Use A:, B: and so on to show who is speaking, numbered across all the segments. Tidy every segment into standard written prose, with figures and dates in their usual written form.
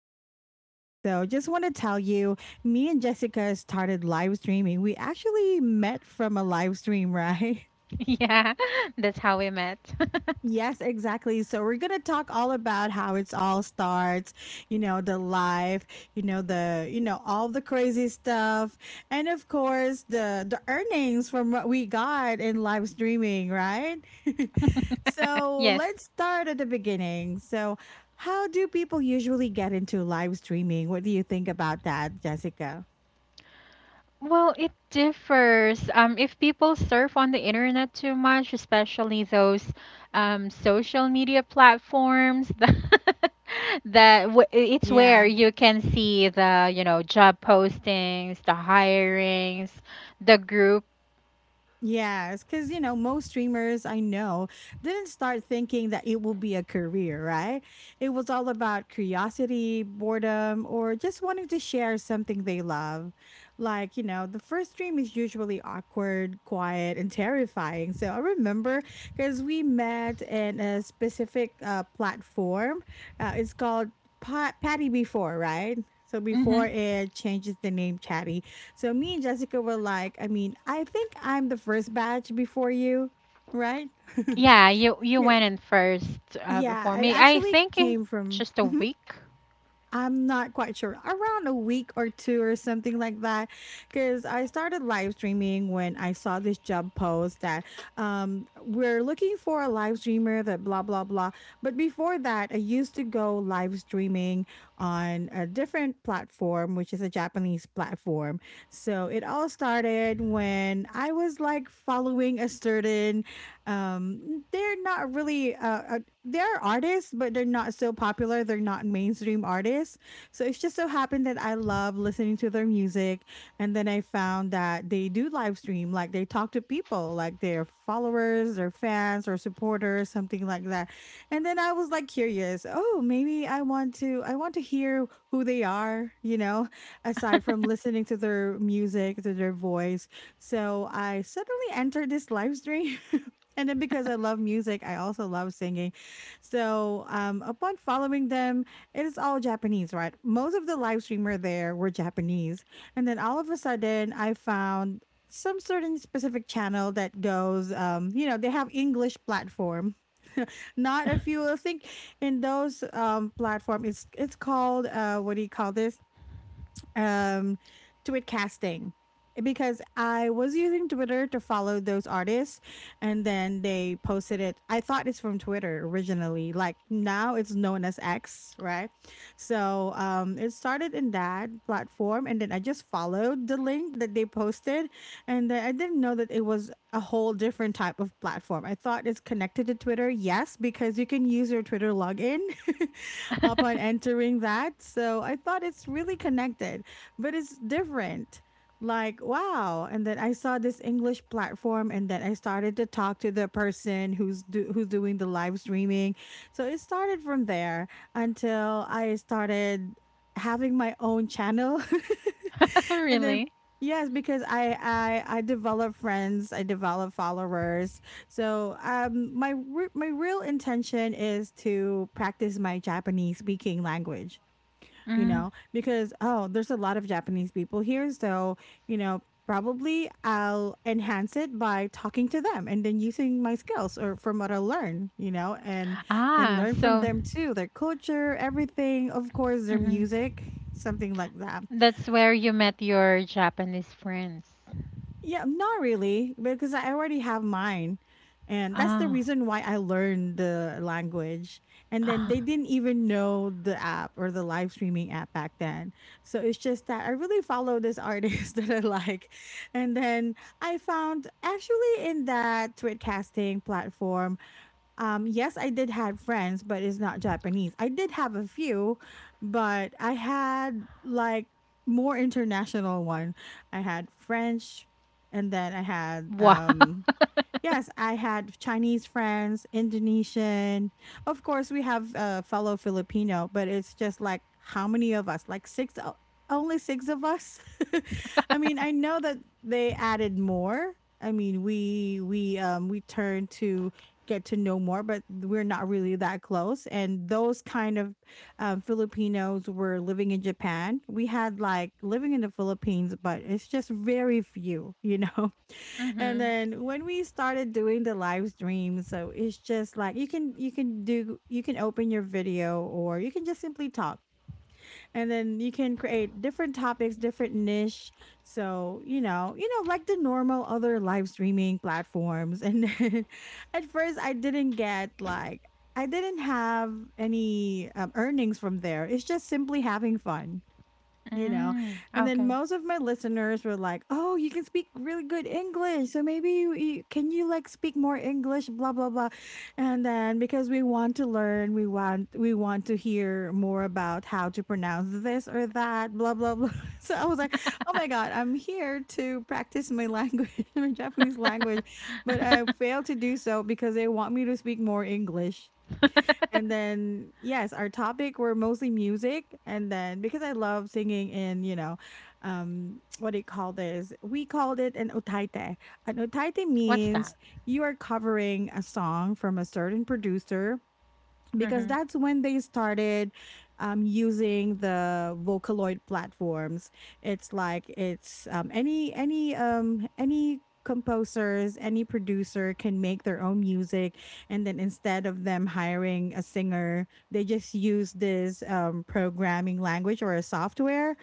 A: know what, guys? So, just want to tell you, me and Jessica started live streaming. We actually met from a live stream, right?
B: Yeah, that's how we met.
A: Yes, exactly. So we're going to talk all about how it's all starts, you know, the life, you know, all the crazy stuff. And of course, the earnings from what we got in live streaming, right? So
B: Yes.
A: let's start at the beginning. So how do people usually get into live streaming? What do you think about that, Jessica?
B: Well, it differs. If people surf on the internet too much, especially those social media platforms, it's where
A: Yeah.
B: you can see the job postings, the hirings, the group.
A: Yes, because you know, most streamers I know didn't start thinking that it will be a career, right? It was all about curiosity, boredom, or just wanting to share something they love. Like, you know, the first stream is usually awkward, quiet, and terrifying. So I remember because we met in a specific platform. It's called Patty Before, right? So
B: Mm-hmm.
A: before it changes the name Chatty, so me and Jessica were like, I mean, I think I'm the first batch before you, right?
B: Yeah, you
A: Yeah,
B: went in first
A: yeah,
B: before
A: I
B: me. I
A: actually
B: think
A: came from.
B: just a
A: Mhm.
B: week.
A: I'm not quite sure, around a week or two or something like that. Because I started live streaming when I saw this job post that we're looking for a live streamer that blah, blah, blah. But before that, I used to go live streaming on a different platform, which is a Japanese platform. So it all started when I was like following a certain, um, they're artists, but they're not so popular. They're not mainstream artists. So it's just so happened that I love listening to their music. And then I found that they do live stream, like they talk to people, like their followers, their fans, or supporters, something like that. And then I was like curious, oh, maybe I want to hear who they are, you know, aside from listening to their music, to their voice. So I suddenly entered this live stream. And then because I love music, I also love singing. So, upon following them, it is all Japanese, right? Most of the live streamer there were Japanese, and then all of a sudden, I found some certain specific channel that goes, you know, they have English platform. Not if you I think in those platform, it's called what do you call this? um, tweet casting because I was using Twitter to follow those artists and then they posted it. I thought it's from Twitter originally. Like now it's known as X, right? So it started in that platform and then I just followed the link that they posted and then I didn't know that it was a whole different type of platform. I thought it's connected to Twitter. Yes, because you can use your Twitter login upon entering that. So I thought it's really connected but it's different. Like, wow. And then I saw this English platform and then I started to talk to the person who's doing the live streaming. So it started from there until I started having my own channel. And then
B: Really?
A: yes, because I develop friends, I develop followers. So my real intention is to practice my Japanese speaking language, you
B: Mm.
A: know, because oh, there's a lot of Japanese people here, so you know, probably I'll enhance it by talking to them and then using my skills or from what I learn, you know, and
B: Ah,
A: learn from
B: so,
A: them too, their culture, everything, of course, their
B: mhm.
A: music, something like that.
B: That's where you met your Japanese friends.
A: Yeah, not really, because I already have mine. And that's the
B: Ah,
A: reason why I learned the language. And then they
B: ah.
A: didn't even know the app or the live streaming app back then. So it's just that I really follow this artist that I like. And then I found actually in that Twitcasting platform, yes, I did have friends, but it's not Japanese. I did have a few, but I had like more international one. I had French, and then I had
B: Wow.
A: yes, I had Chinese friends, Indonesian. Of course, we have a fellow Filipino, but it's just like how many of us? Like six, only six of us. I mean, I know that they added more. I mean, we turned to get to know more, but we're not really that close. And those kind of Filipinos were living in Japan. We had like living in the Philippines, but it's just very few, you know. And
B: Mm-hmm.
A: then when we started doing the live stream, so it's just like you can open your video or you can just simply talk. And then you can create different topics, different niche. So, you know, like the normal other live streaming platforms. And then at first I didn't get like I didn't have any earnings from there. It's just simply having fun, you know?
B: Mm,
A: And then
B: okay.
A: most of my listeners were like, "Oh, you can speak really good English. So maybe you, you can you like speak more English, blah blah blah." And then because we want to learn, we want to hear more about how to pronounce this or that, blah blah blah. So I was like, "Oh my god, I'm here to practice my language, my Japanese language, but I failed to do so because they want me to speak more English." And then, yes, our topic were mostly music. And then, because I love singing in, you know, what do you call this? We called it an otaite. An otaite
B: What's that?
A: means you are covering a song from a certain producer because
B: Mm-hmm.
A: that's when they started using the Vocaloid platforms. It's like it's any composers, any producer can make their own music, and then instead of them hiring a singer, they just use this programming language or a software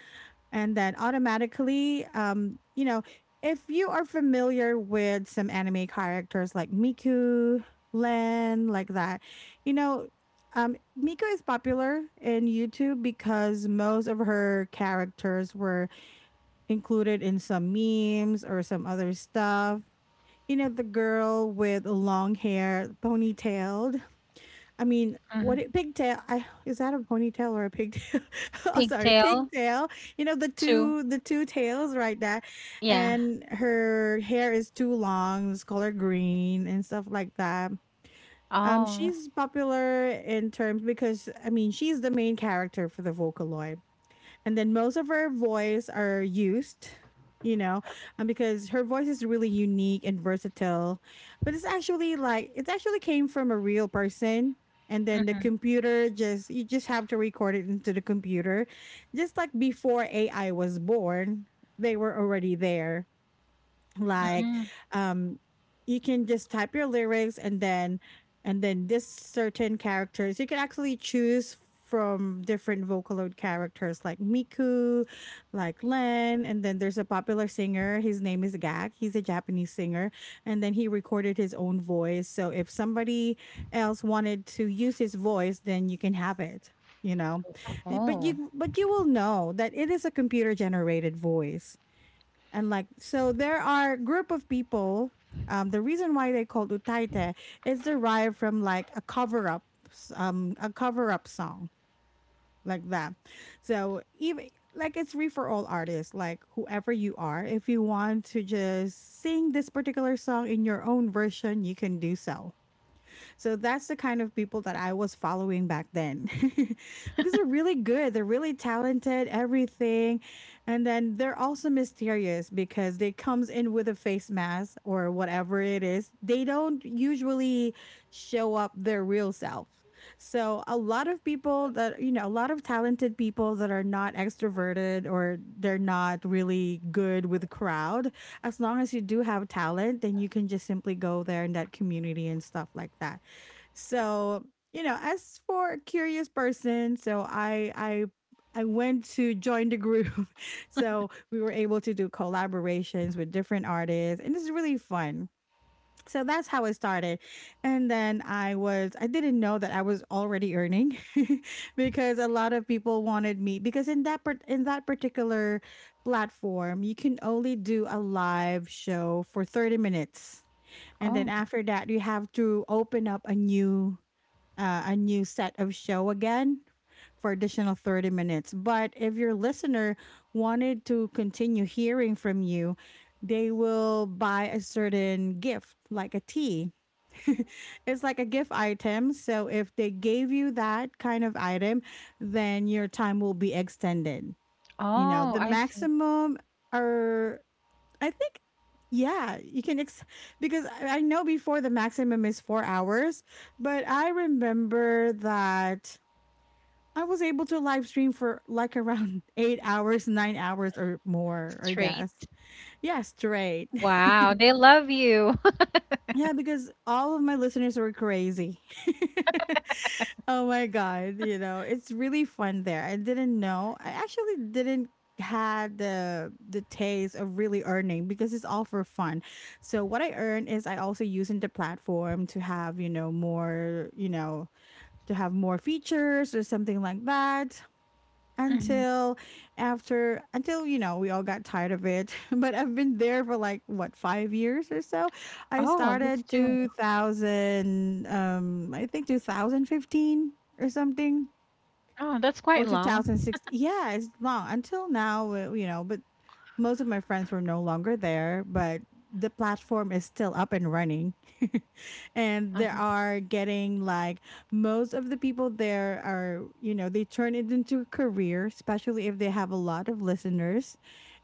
A: and then automatically you know, if you are familiar with some anime characters like Miku, Len, like that, you know. um Miku is popular in YouTube because most of her characters were included in some memes or some other stuff, you know, the girl with long hair ponytailed. I mean,
B: Mm-hmm.
A: what it pigtail I is that a ponytail or a pigtail? Oh sorry,
B: Pigtail
A: pigtail. You know,
B: too.
A: the two tails, right? That,
B: Yeah.
A: and her hair is too long, it's color green and stuff like that.
B: Oh.
A: She's popular in terms because I mean she's the main character for the Vocaloid, and then most of her voice are used, you know, because her voice is really unique and versatile, but it's actually like it actually came from a real person and then the
B: Mm-hmm.
A: computer just you just have to record it into the computer, just like before AI was born, they were already there, like,
B: Mm.
A: um you can just type your lyrics and then this certain characters you can actually choose from different Vocaloid characters like Miku, like Len, and then there's a popular singer. His name is Gak. He's a Japanese singer, and then he recorded his own voice. So if somebody else wanted to use his voice, then you can have it. You know,
B: Oh.
A: but you will know that it is a computer generated voice. And like, so there are group of people. The reason why they called Utaite is derived from like a cover up song like that. So even like it's free for all artists, like whoever you are, if you want to just sing this particular song in your own version, you can do so. So that's the kind of people that I was following back then because they're really good, they're really talented, everything. And then they're also mysterious because they comes in with a face mask or whatever it is. They don't usually show up their real self. So a lot of people that you know, a lot of talented people that are not extroverted or they're not really good with crowd, as long as you do have talent, then you can just simply go there in that community and stuff like that. So, as for a curious person, so I went to join the group. So we were able to do collaborations with different artists, and it's really fun. So that's how it started. And then I was I didn't know that I was already earning because a lot of people wanted me because in that particular platform, you can only do a live show for 30 minutes. And
B: Oh.
A: then after that, you have to open up a new set of show again for additional 30 minutes. But if your listener wanted to continue hearing from you, they will buy a certain gift, like a tea. It's like a gift item. So if they gave you that kind of item, then your time will be extended. You know,
B: Oh,
A: the
B: I see.
A: maximum are, I think, yeah, you can because I know before the maximum is 4 hours, but I remember that I was able to live stream for like around 8 hours, 9 hours or more, I
B: Straight.
A: guess. Yeah, straight.
B: Wow, they love you.
A: Yeah, because all of my listeners were crazy. Oh my god, you know, it's really fun there. I didn't know. I actually didn't had the taste of really earning because it's all for fun. So what I earn is I also using the platform to have more, to have more features or something like that
B: Mhm.
A: until after until you know we all got tired of it. But I've been there for like what, 5 years or so. I
B: Oh, that's
A: started
B: true.
A: 2000 um I think 2015 or something,
B: Oh, that's quite
A: or
B: long.
A: 2016. Yeah, it's long until now, you know. But most of my friends were no longer there, but the platform is still up and running. And there
B: Uh-huh.
A: are getting like most of the people there are, you know, they turn it into a career, especially if they have a lot of listeners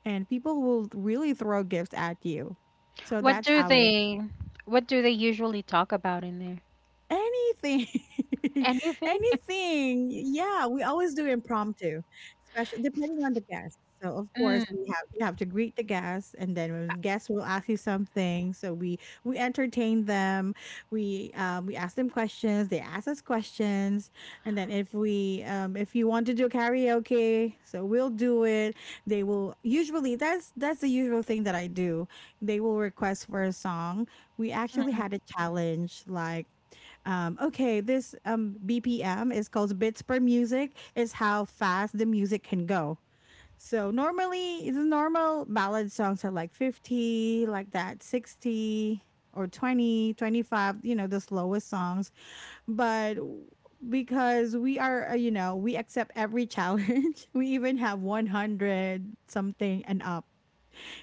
A: and people will really throw gifts at you. So
B: What
A: that's
B: do
A: how it.
B: they what do they usually talk about in there?
A: Anything.
B: Anything?
A: Anything. Yeah, we always do impromptu, especially depending on the guest. So of course
B: Mm,
A: we have you have to greet the guests, and then when guests will ask you something, so we entertain them. We ask them questions, they ask us questions, and then if we if you want to do karaoke, so we'll do it. They will usually That's the usual thing that I do. They will request for a song. We actually
B: mm.
A: had a challenge like okay, this BPM is called bits per music, is how fast the music can go. So normally, the normal ballad songs are like 50, like that, 60 or 20, 25. You know, the slowest songs. But w- because we are, you know, we accept every challenge, we even have 100 something and up,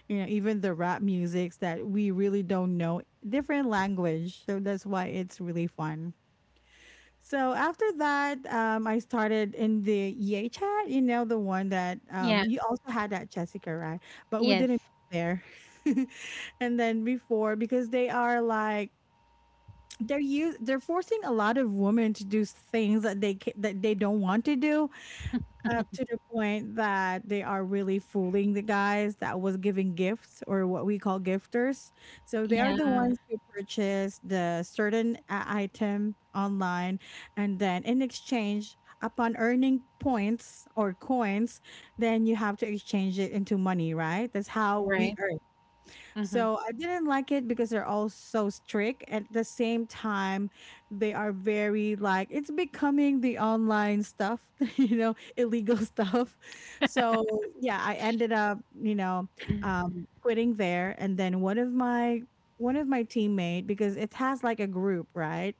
A: you know, even the rap musics that we really don't know, different language. So that's why it's really fun. So after that, I started in the EA chat, you know, the one that
B: Yeah.
A: you also had that, Jessica, right? But we
B: Yes.
A: didn't meet there. And then before, because they are like they're forcing a lot of women to do things that that they don't want to do, up to the point that they are really fooling the guys that was giving gifts, or what we call gifters. So they are the
B: Yeah.
A: ones who purchase the certain item online, and then in exchange upon earning points or coins, then you have to exchange it into money, right? That's how we
B: Right.
A: earn.
B: Mm-hmm.
A: So I didn't like it because they're all so strict. At the same time, they are very like it's becoming the online stuff, you know, illegal stuff. So yeah, I ended up, you know, quitting there. And then one of my teammate, because it has like a group, right?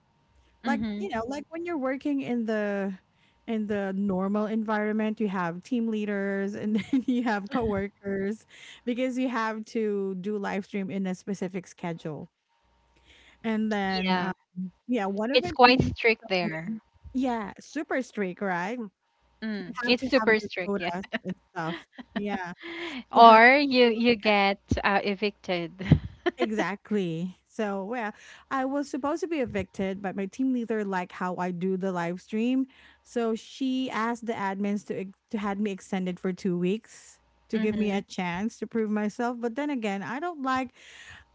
A: Like,
B: Mm-hmm.
A: you know, like when you're working in the normal environment, you have team leaders and then you have coworkers because you have to do live stream in a specific schedule. And then
B: Yeah.
A: yeah, one of
B: It's
A: my
B: quite
A: teammates
B: strict
A: told
B: there.
A: me, yeah, super strict, right? You
B: Mm.
A: have
B: It's
A: to have
B: super
A: your
B: strict, yeah.
A: quotas and stuff. Yeah. You have
B: Or you
A: to.
B: you get evicted.
A: Exactly. So, well, I was supposed to be evicted, but my team leader liked how I do the live stream. So she asked the admins to to had me extended for 2 weeks to give me a
B: Mm-hmm.
A: chance to prove myself. But then again,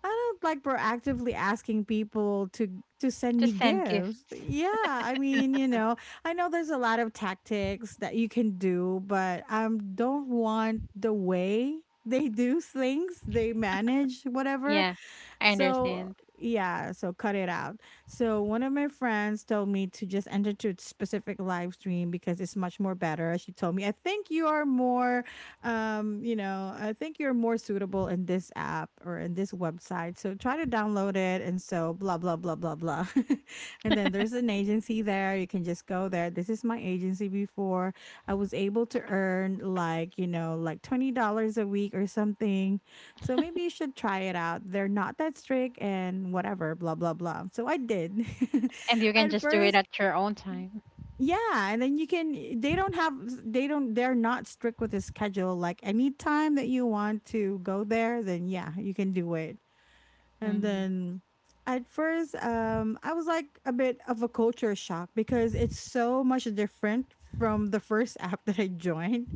A: I don't like proactively asking people to send
B: To
A: me
B: send
A: gifts.
B: gifts.
A: Yeah, I mean, you know, I know there's a lot of tactics that you can do, but I don't want the way they do things, they manage whatever.
B: Yeah. I
A: So
B: understand.
A: yeah, so cut it out. So one of my friends told me to just enter to a specific live stream because it's much more better. She told me, I think you are more you know, I think you're more suitable in this app or in this website. So try to download it and so blah blah blah blah blah. And then there's an agency there. You can just go there. This is my agency before. I was able to earn like, you know, like $20 a week or something, so maybe you should try it out. They're not that strict and whatever, blah, blah, blah. So I did.
B: And you can
A: At
B: just do it
A: first,
B: at your own time.
A: yeah. And then you can, eh, they don't, they're not strict with the schedule. Like any time that you want to go there, then yeah, you can do it. And
B: Mm.
A: then at first, I was like a bit of a culture shock because it's so much different from the first app that I joined.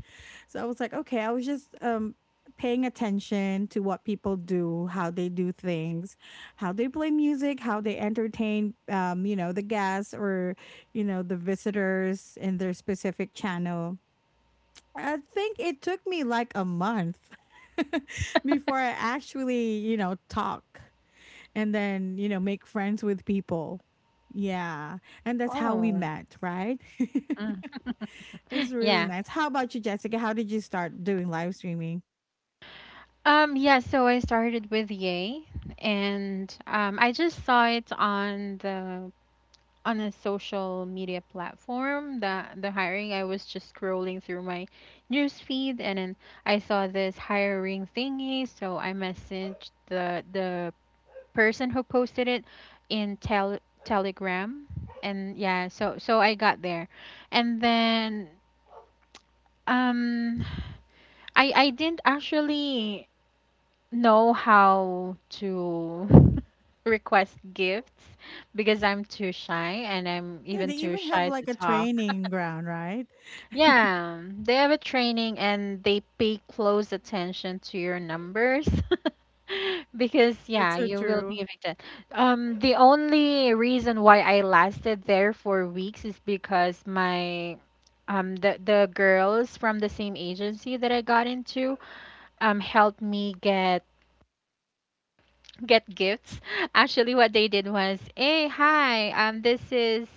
A: So I was like, okay, I was just paying attention to what people do, how they do things, how they play music, how they entertain you know, the guests or, you know, the visitors in their specific channel. I think it took me like a month before I actually, you know, talk, and then you know make friends with people. Yeah. And that's how we
B: Oh,
A: met, right?
B: mm.
A: It's really
B: Yeah.
A: nice. How about you, Jessica? How did you start doing live streaming?
B: Yeah, so I started with Yay, and I just saw it on a social media platform that the hiring, I was just scrolling through my news feed, and then I saw this hiring thingy. So I messaged the person who posted it in Telegram, and yeah, so I got there. And then, Um, I didn't actually know how to request gifts because I'm too shy, and I'm
A: Yeah,
B: even
A: they
B: too
A: even have
B: shy to
A: like a
B: talk.
A: training ground, right?
B: Yeah, they have a training, and they pay close attention to your numbers because
A: That's
B: yeah,
A: so
B: you will be
A: true.
B: evicted. The only reason why I lasted there for weeks is because my the girls from the same agency that I got into helped me get gifts. Actually, what they did was, "Hey, hi. Um this is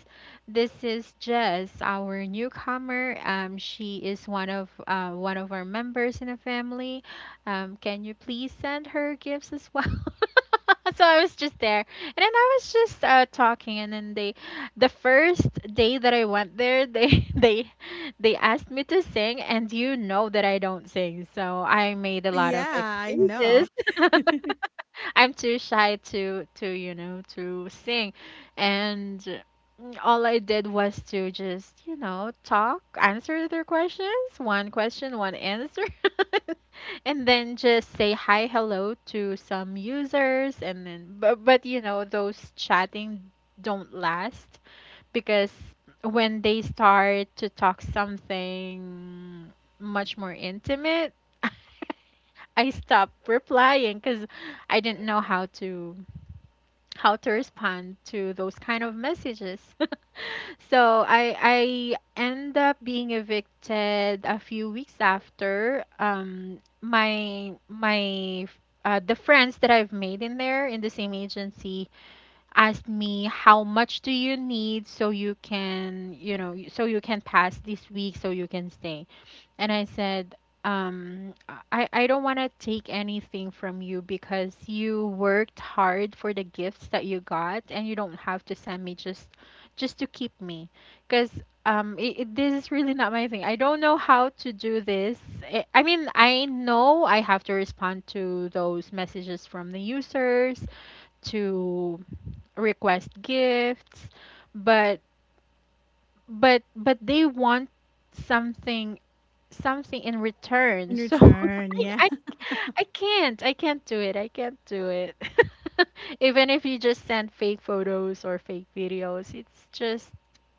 B: this is Jess, our newcomer. She is one of our members in the family. Can you please send her gifts as well?" So I was just there. And then I was just talking, and then the first day that I went there, they they asked me to sing, and you know that I don't sing. So I made a lot of
A: Yeah, I know.
B: excuses. I'm too shy to you know to sing, and all I did was to just talk, answer their questions, one question, one answer. And then just say hi, hello to some users. And then but those chatting don't last, because when they start to talk something much more intimate, I stop replying because I didn't know how to respond to those kind of messages. So I end up being evicted a few weeks after my my the friends that I've made in there in the same agency asked me, how much do you need so you can, so you can pass this week, so you can stay? And I said, um, I don't want to take anything from you because you worked hard for the gifts that you got, and you don't have to send me just to keep me, because this is really not my thing. I don't know how to do this. I mean, I know I have to respond to those messages from the users to request gifts, but they want something in return.
A: In
B: So
A: return, yeah.
B: I, I I can't. I can't do it. I can't do it. Even if you just send fake photos or fake videos, it's just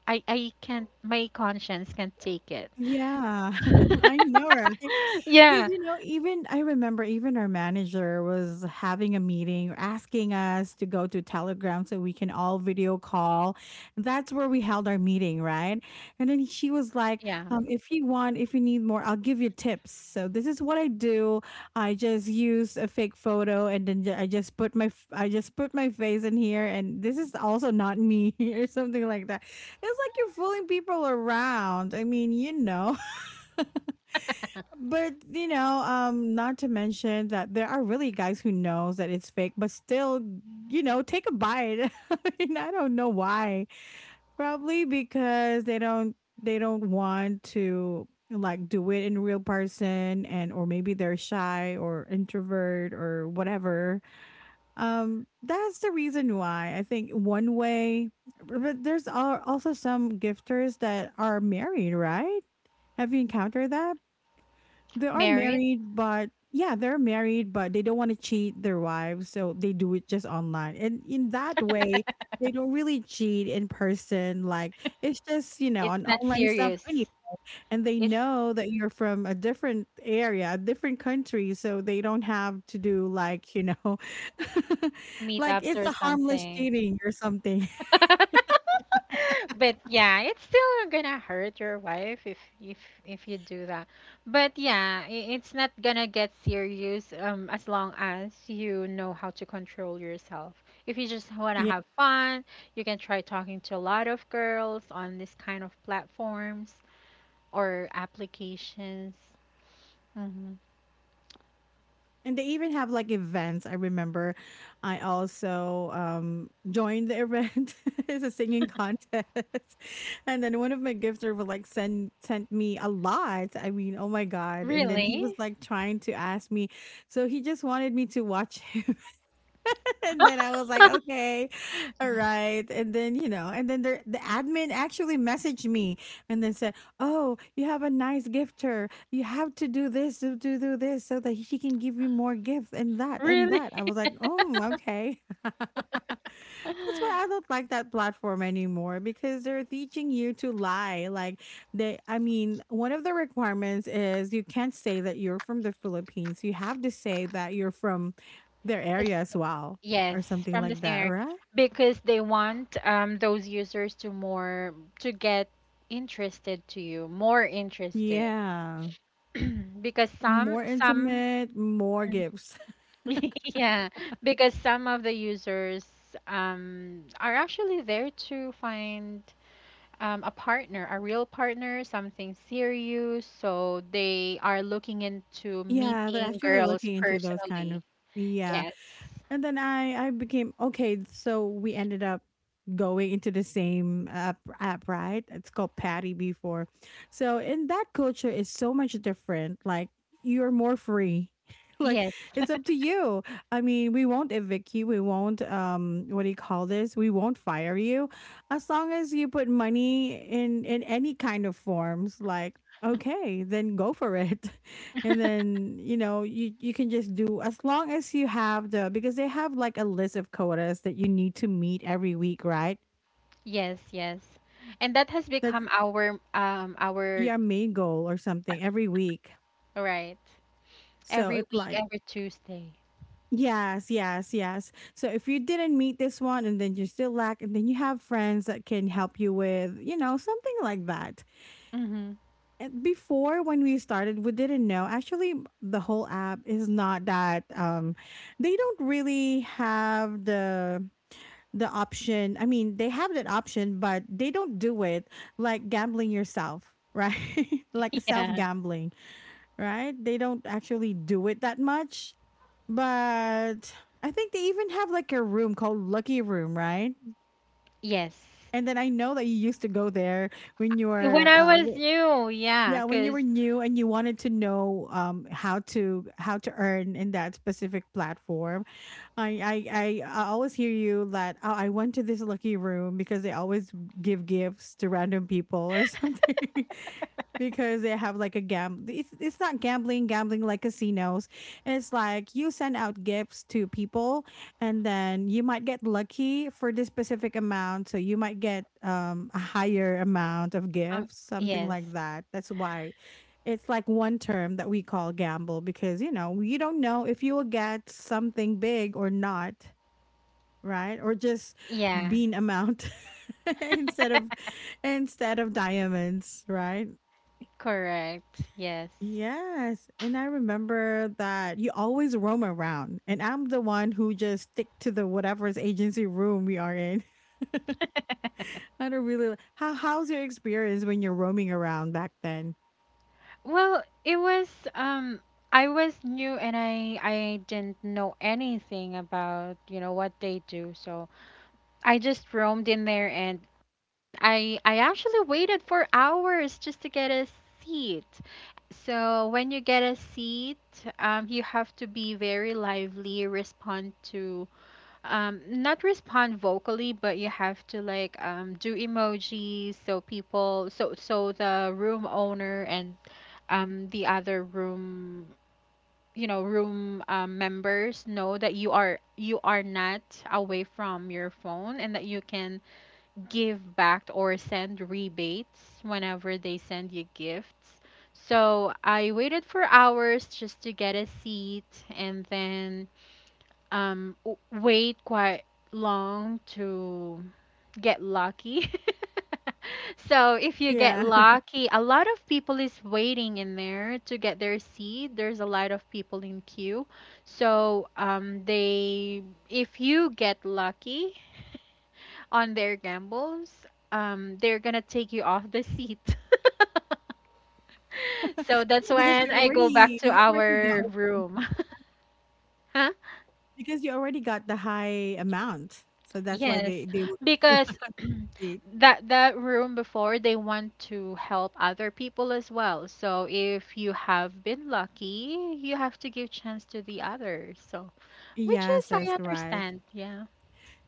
B: I can't. My conscience can't take it.
A: Yeah, I know, right? Because,
B: Yeah.
A: you know, even I remember even our manager was having a meeting asking us to go to Telegram so we can all video call. That's where we held our meeting, right? And then she was like,
B: Yeah.
A: if you want, if you need more, I'll give you tips. So this is what I do. I just use a fake photo and then I just put I just put my face in here, and this is also not me or something like that. It's like you're fooling people around. I mean, you know. But you know, not to mention that there are really guys who knows that it's fake, but still, you know, take a bite. I mean, I don't know why. Probably because they don't want to like do it in real person, and or maybe they're shy or introvert or whatever. That's the reason why I think one way, but there's also some gifters that are married, right? Have you encountered that? They are
B: Married?
A: married, but yeah, they're married, but they don't want to cheat their wives, so they do it just online. And in that way, they don't really cheat in person. Like it's just, you know,
B: It's
A: an
B: not
A: online stuff,
B: serious.
A: and they
B: It's
A: know that you're from a different area, a different country, so they don't have to do like, you know, like
B: meetups
A: it's
B: or
A: a harmless
B: something.
A: cheating or something.
B: But yeah, it's still gonna hurt your wife if you do that. But yeah, it's not gonna get serious, as long as you know how to control yourself. If you just wanna
A: Yeah.
B: have fun, you can try talking to a lot of girls on this kind of platforms or applications. Hmm.
A: And they even have like events. I remember I also joined the event. It's a singing contest. And then one of my gifters would like send sent me a lot. I mean, oh my God. And then he was
B: Really?
A: like trying to ask me. So he just wanted me to watch him and then I was like, okay, all right. And then, you know, and then there, the admin actually messaged me and then said, oh, you have a nice gifter. You have to do this, do this so that she can give you more gifts and that and
B: Really?
A: that. I was like, oh, okay. That's why I don't like that platform anymore because they're teaching you to lie. Like, they I mean, one of the requirements is you can't say that you're from the Philippines. You have to say that you're from their area as well,
B: Yes,
A: or something
B: from the
A: like
B: same
A: that,
B: area
A: right?
B: because they want, those users to, more to get interested to you, more interested
A: Yeah.
B: because some
A: More
B: some
A: intimate, more gifts.
B: yeah, because some of the users, are actually there to find, a partner, a real partner, something serious. So they are looking into
A: Yeah, they're
B: meeting
A: actually
B: girls
A: looking into those kind
B: personally.
A: of, yeah.
B: Yes.
A: And then I became okay. So we ended up going into the same app, right? It's called Patty before. So in that culture is so much different. Like, you're more free. Like,
B: Yes.
A: it's up to you. I mean, we won't evict you. We won't, what do you call this? We won't fire you, as long as you put money in any kind of forms, like, okay, then go for it, and then, you can just do, as long as you have the because they have like a list of quotas that you need to meet every week, right?
B: Yes, yes. And that has
A: That's
B: become our
A: your main goal or something every week,
B: right,
A: so
B: every
A: it's
B: week,
A: like,
B: every Tuesday.
A: yes, yes, yes, so if you didn't meet this one and then you still lack, and then you have friends that can help you with, something like that.
B: Mm-hmm.
A: And before when we started, we didn't know. Actually, the whole app is not that, they don't really have the option. I mean, they have that option, but they don't do it like gambling yourself, right? Like, self
B: Yeah.
A: gambling, right? They don't actually do it that much. But I think they even have like a room called Lucky Room, right?
B: Yes.
A: And then I know that you used to go there when you
B: When
A: were
B: I
A: uh,
B: was
A: w-
B: new, yeah,
A: Yeah, when you were
B: 'cause
A: new and you wanted to know, how to earn in that specific platform. I always hear you that, oh, I went to this lucky room because they always give gifts to random people or something. Because they have like a gam it's not gambling gambling like casinos, it's like you send out gifts to people, and then you might get lucky for this specific amount, so you might get a higher amount of
B: um
A: gifts, something
B: yes.
A: like that. That's why it's like one term that we call gamble because, you don't know if you will get something big or not, right? Or just
B: Yeah,
A: bean amount instead of instead of diamonds, right?
B: correct. Yes.
A: Yes. And I remember that you always roam around, and I'm the one who just stick to the whatever's agency room we are in. I don't really. How's your experience when you're roaming around back then?
B: Well, it was um I was new, and I didn't know anything about what they do. So I just roamed in there, and I actually waited for hours just to get a seat. So when you get a seat, you have to be very lively, respond to, not respond vocally, but you have to like do emojis so so the room owner and, the other room members know that you are not away from your phone, and that you can give back or send rebates whenever they send you gifts. So I waited for hours just to get a seat, and then wait quite long to get lucky. So if you get
A: Yeah.
B: lucky, a lot of people is waiting in there to get their seat. There's a lot of people in queue. So they if you get lucky, on their gambles, they're gonna take you off the seat. So that's
A: Because
B: when
A: you
B: I go back
A: already
B: to
A: you already got
B: our
A: one.
B: room. Huh?
A: Because you already got the high amount, so that's why
B: Yes,
A: they will kick you
B: because
A: out of the seat.
B: that room before, they want to help other people as well. So if you have been lucky, you have to give chance to the others. So which
A: Yes,
B: is I
A: that's right.
B: understand. Yeah.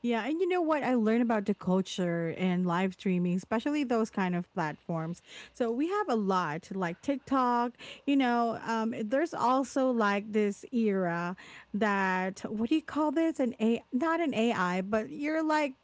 A: Yeah, and you know what I learned about the culture and live streaming, especially those kind of platforms. So we have a lot like TikTok. There's also like this era that, what do you call this? An A, not an AI, but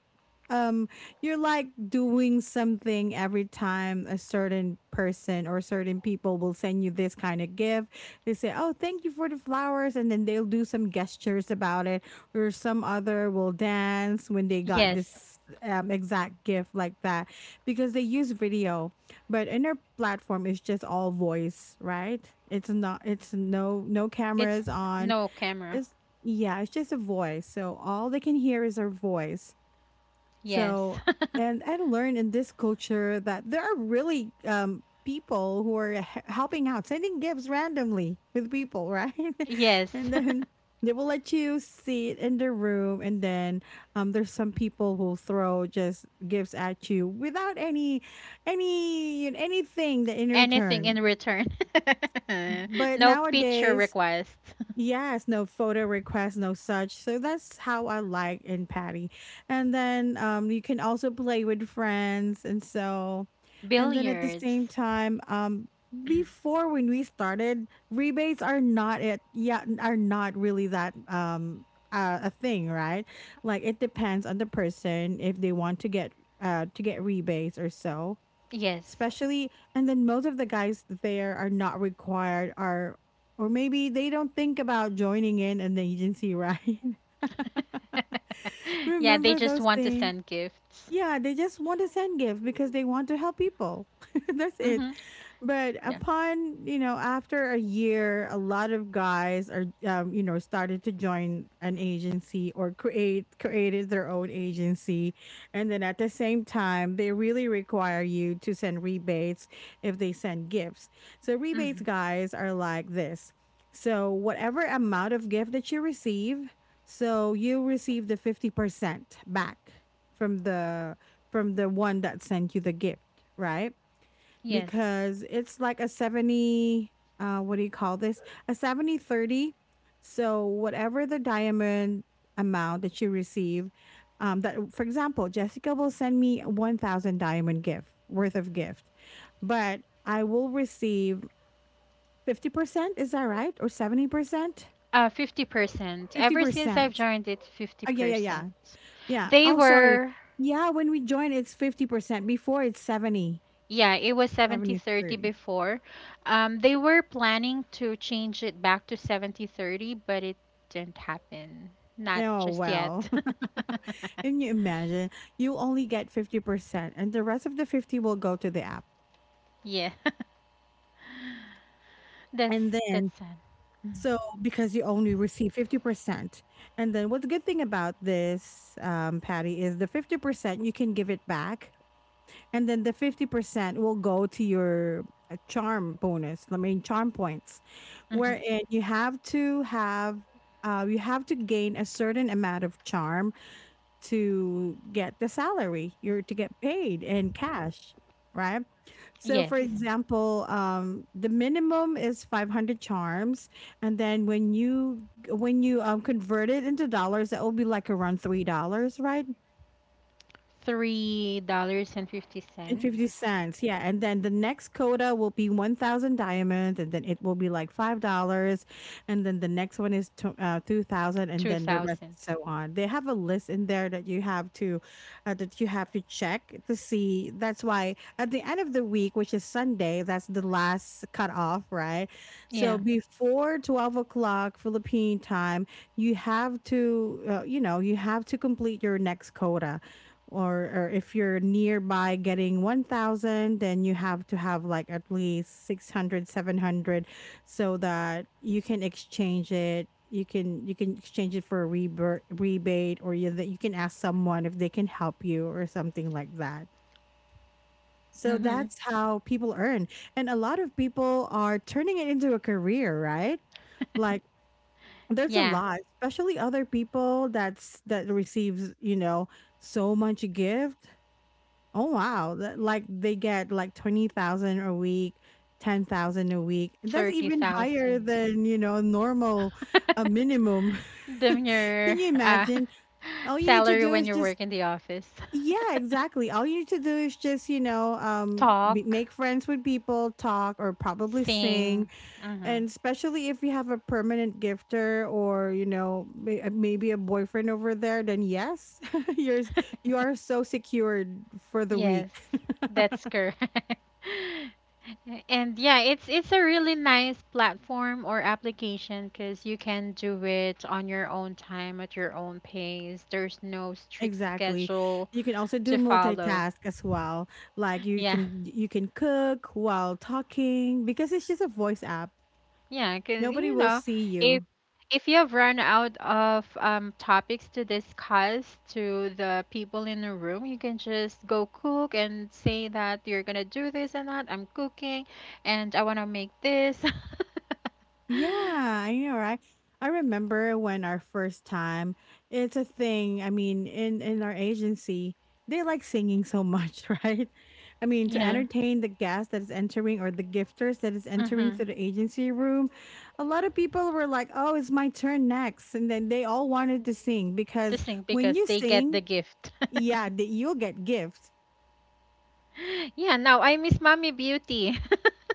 A: um you're like doing something every time a certain person or certain people will send you this kind of gift. They say, oh, thank you for the flowers, and then they'll do some gestures about it. Or some other will dance when they got
B: Yes.
A: this, exact gift like that, because they use video. But in their platform it's just all voice, right? It's not, it's no, no
B: It's
A: cameras on.
B: no camera.
A: It's Yeah, it's just a voice. So all they can hear is our voice.
B: Yes.
A: So, and I learned in this culture that there are really, people who are helping out, sending gifts randomly with people, right?
B: Yes.
A: And then they will let you sit in the room, and then, there's some people who throw just gifts at you without anything that in
B: Anything in
A: return.
B: return.
A: But
B: No picture
A: nowadays,
B: requests.
A: yes, no photo requests, no such. So that's how I like in Patty. And then, you can also play with friends, and so, and then at the same
B: Billiards.
A: time, before when we started, rebates are not it, yeah, are not really that, a thing, right? Like, it depends on the person if they want to get rebates or so,
B: Yes.
A: especially. And then most of the guys there are not required, are, or maybe they don't think about joining in an agency, right?
B: Yeah, they
A: Remember
B: just
A: those
B: want to
A: things?
B: send gifts.
A: Yeah, they just want to send gifts because they want to help people. That's it.
B: Mm-hmm.
A: But
B: Yeah.
A: upon, after a year, a lot of guys are, started to join an agency, or created their own agency, and then at the same time, they really require you to send rebates if they send gifts. So rebates,
B: Mm-hmm.
A: guys, are like this. So whatever amount of gift that you receive, so you receive the 50% back from the from the one that sent you the gift, right?
B: Yes.
A: Because it's like a 70, what do you call this? A 70/30. So whatever the diamond amount that you receive, that, for example, Jessica will send me 1000 diamond gift worth of gift, but I will receive 50%, is that right? Or 70%?
B: 50%. Ever since I've
A: 50%.
B: joined it,
A: Oh, yeah, yeah, yeah.
B: 50%.
A: Yeah.
B: They
A: Oh, sorry.
B: were,
A: Yeah, when we join, it's 50%. Before, it's
B: yeah, it was seventy
A: 70
B: thirty
A: 30.
B: before. They were planning to change it back to 70/30, but it didn't happen. Not
A: Oh,
B: just
A: well.
B: yet.
A: Can you imagine? You only get 50%, and the rest of the 50 will go to the app.
B: Yeah. That's
A: And
B: that's
A: then,
B: sad. Mm-hmm.
A: so because you only receive 50%. And then, what's the good thing about this, Patty, is the 50%, you can give it back. And then the 50% will go to your, charm bonus, I mean, charm points,
B: Mm-hmm.
A: wherein you have to have. You have to gain a certain amount of charm to get the salary, you're to get paid in cash, right? So for
B: Yes.
A: example, the minimum is 500 charms, and then when you convert it into dollars, that will be like around $3, right?
B: Three dollars and fifty
A: And
B: cents.
A: 50 cents, yeah. And then the next quota will be 1000 diamonds, and then it will be like $5, and then the next one is tw 2000, and
B: Two
A: then the rest
B: thousand.
A: is so on. They have a list in there that you have to that you have to check to see. That's why at the end of the week, which is Sunday, that's the last cutoff, right? So
B: Yeah.
A: before 12 o'clock Philippine time, you have to, you have to complete your next quota, or if you're nearby getting 1000, then you have to have like at least 600, 700, so that you can exchange it, you can exchange it for a rebate, or you that you can ask someone if they can help you, or something like that. So
B: Mm-hmm.
A: that's how people earn. And a lot of people are turning it into a career, right? Like, there's a
B: Yeah.
A: lot, especially other people that receives, so much gift. Oh wow, that like they get like 20,000 a week, 10,000 a week. That's
B: Thirty
A: even higher
B: thousand.
A: than, normal a minimum.
B: Then
A: Can
B: your
A: you imagine? All you need to
B: salary
A: do
B: when
A: is
B: you
A: just,
B: work in the office.
A: yeah, exactly. All you need to do is just,
B: Talk,
A: make friends with people, talk, or probably sing,
B: sing. Mm-hmm.
A: and especially if you have a permanent gifter, or, maybe a boyfriend over there, then yes, you're you are so secured for the
B: Yes,
A: week.
B: that's correct. And yeah, it's a really nice platform or application because you can do it on your own time at your own pace. There's no strict
A: Exactly.
B: schedule
A: You can also
B: to
A: do
B: follow.
A: multitask as well. Like, you
B: Yeah,
A: can you can cook while talking because it's just a voice app.
B: yeah, because,
A: Nobody will see
B: if
A: you.
B: you have run out of, topics to discuss to the people in the room, you can just go cook and say that you're gonna do this and that. I'm cooking, and I wanna make this.
A: Yeah, I know, right? I remember when our first time, it's a thing. I mean, in our agency, they like singing so much, right? I mean, to
B: Yeah.
A: entertain the guest that is entering, or the gifters that is entering
B: Mm-hmm.
A: to the agency room, a lot of people were like, "Oh, it's my turn next." And then they all wanted to sing
B: To
A: because
B: sing
A: when
B: because
A: you
B: they get
A: sing,
B: the gift.
A: yeah, that you'll get gifts.
B: Yeah, now I miss Mommy Beauty.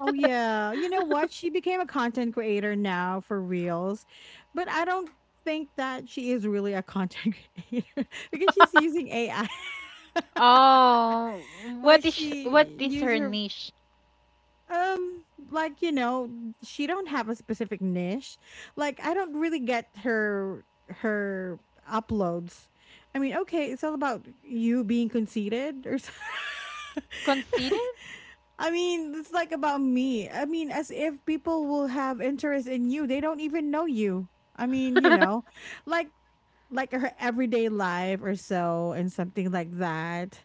A: Oh yeah. You know what? She became a content creator now for Reels, but I don't think that she is really a content creator because she's using AI.
B: Oh,
A: Like,
B: what is
A: she
B: what is
A: use
B: her
A: her,
B: niche?
A: um like you know, she don't have a specific niche. Like, I don't really get her uploads. I mean, okay, it's all about you being conceited or something.
B: Conceited?
A: I mean, it's like about me. I mean, as if people will have interest in you. They don't even know you. I mean, like like her everyday life or so, and something like that.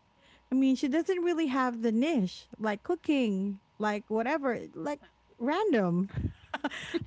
A: I mean, she doesn't really have the niche, like cooking, like whatever, like random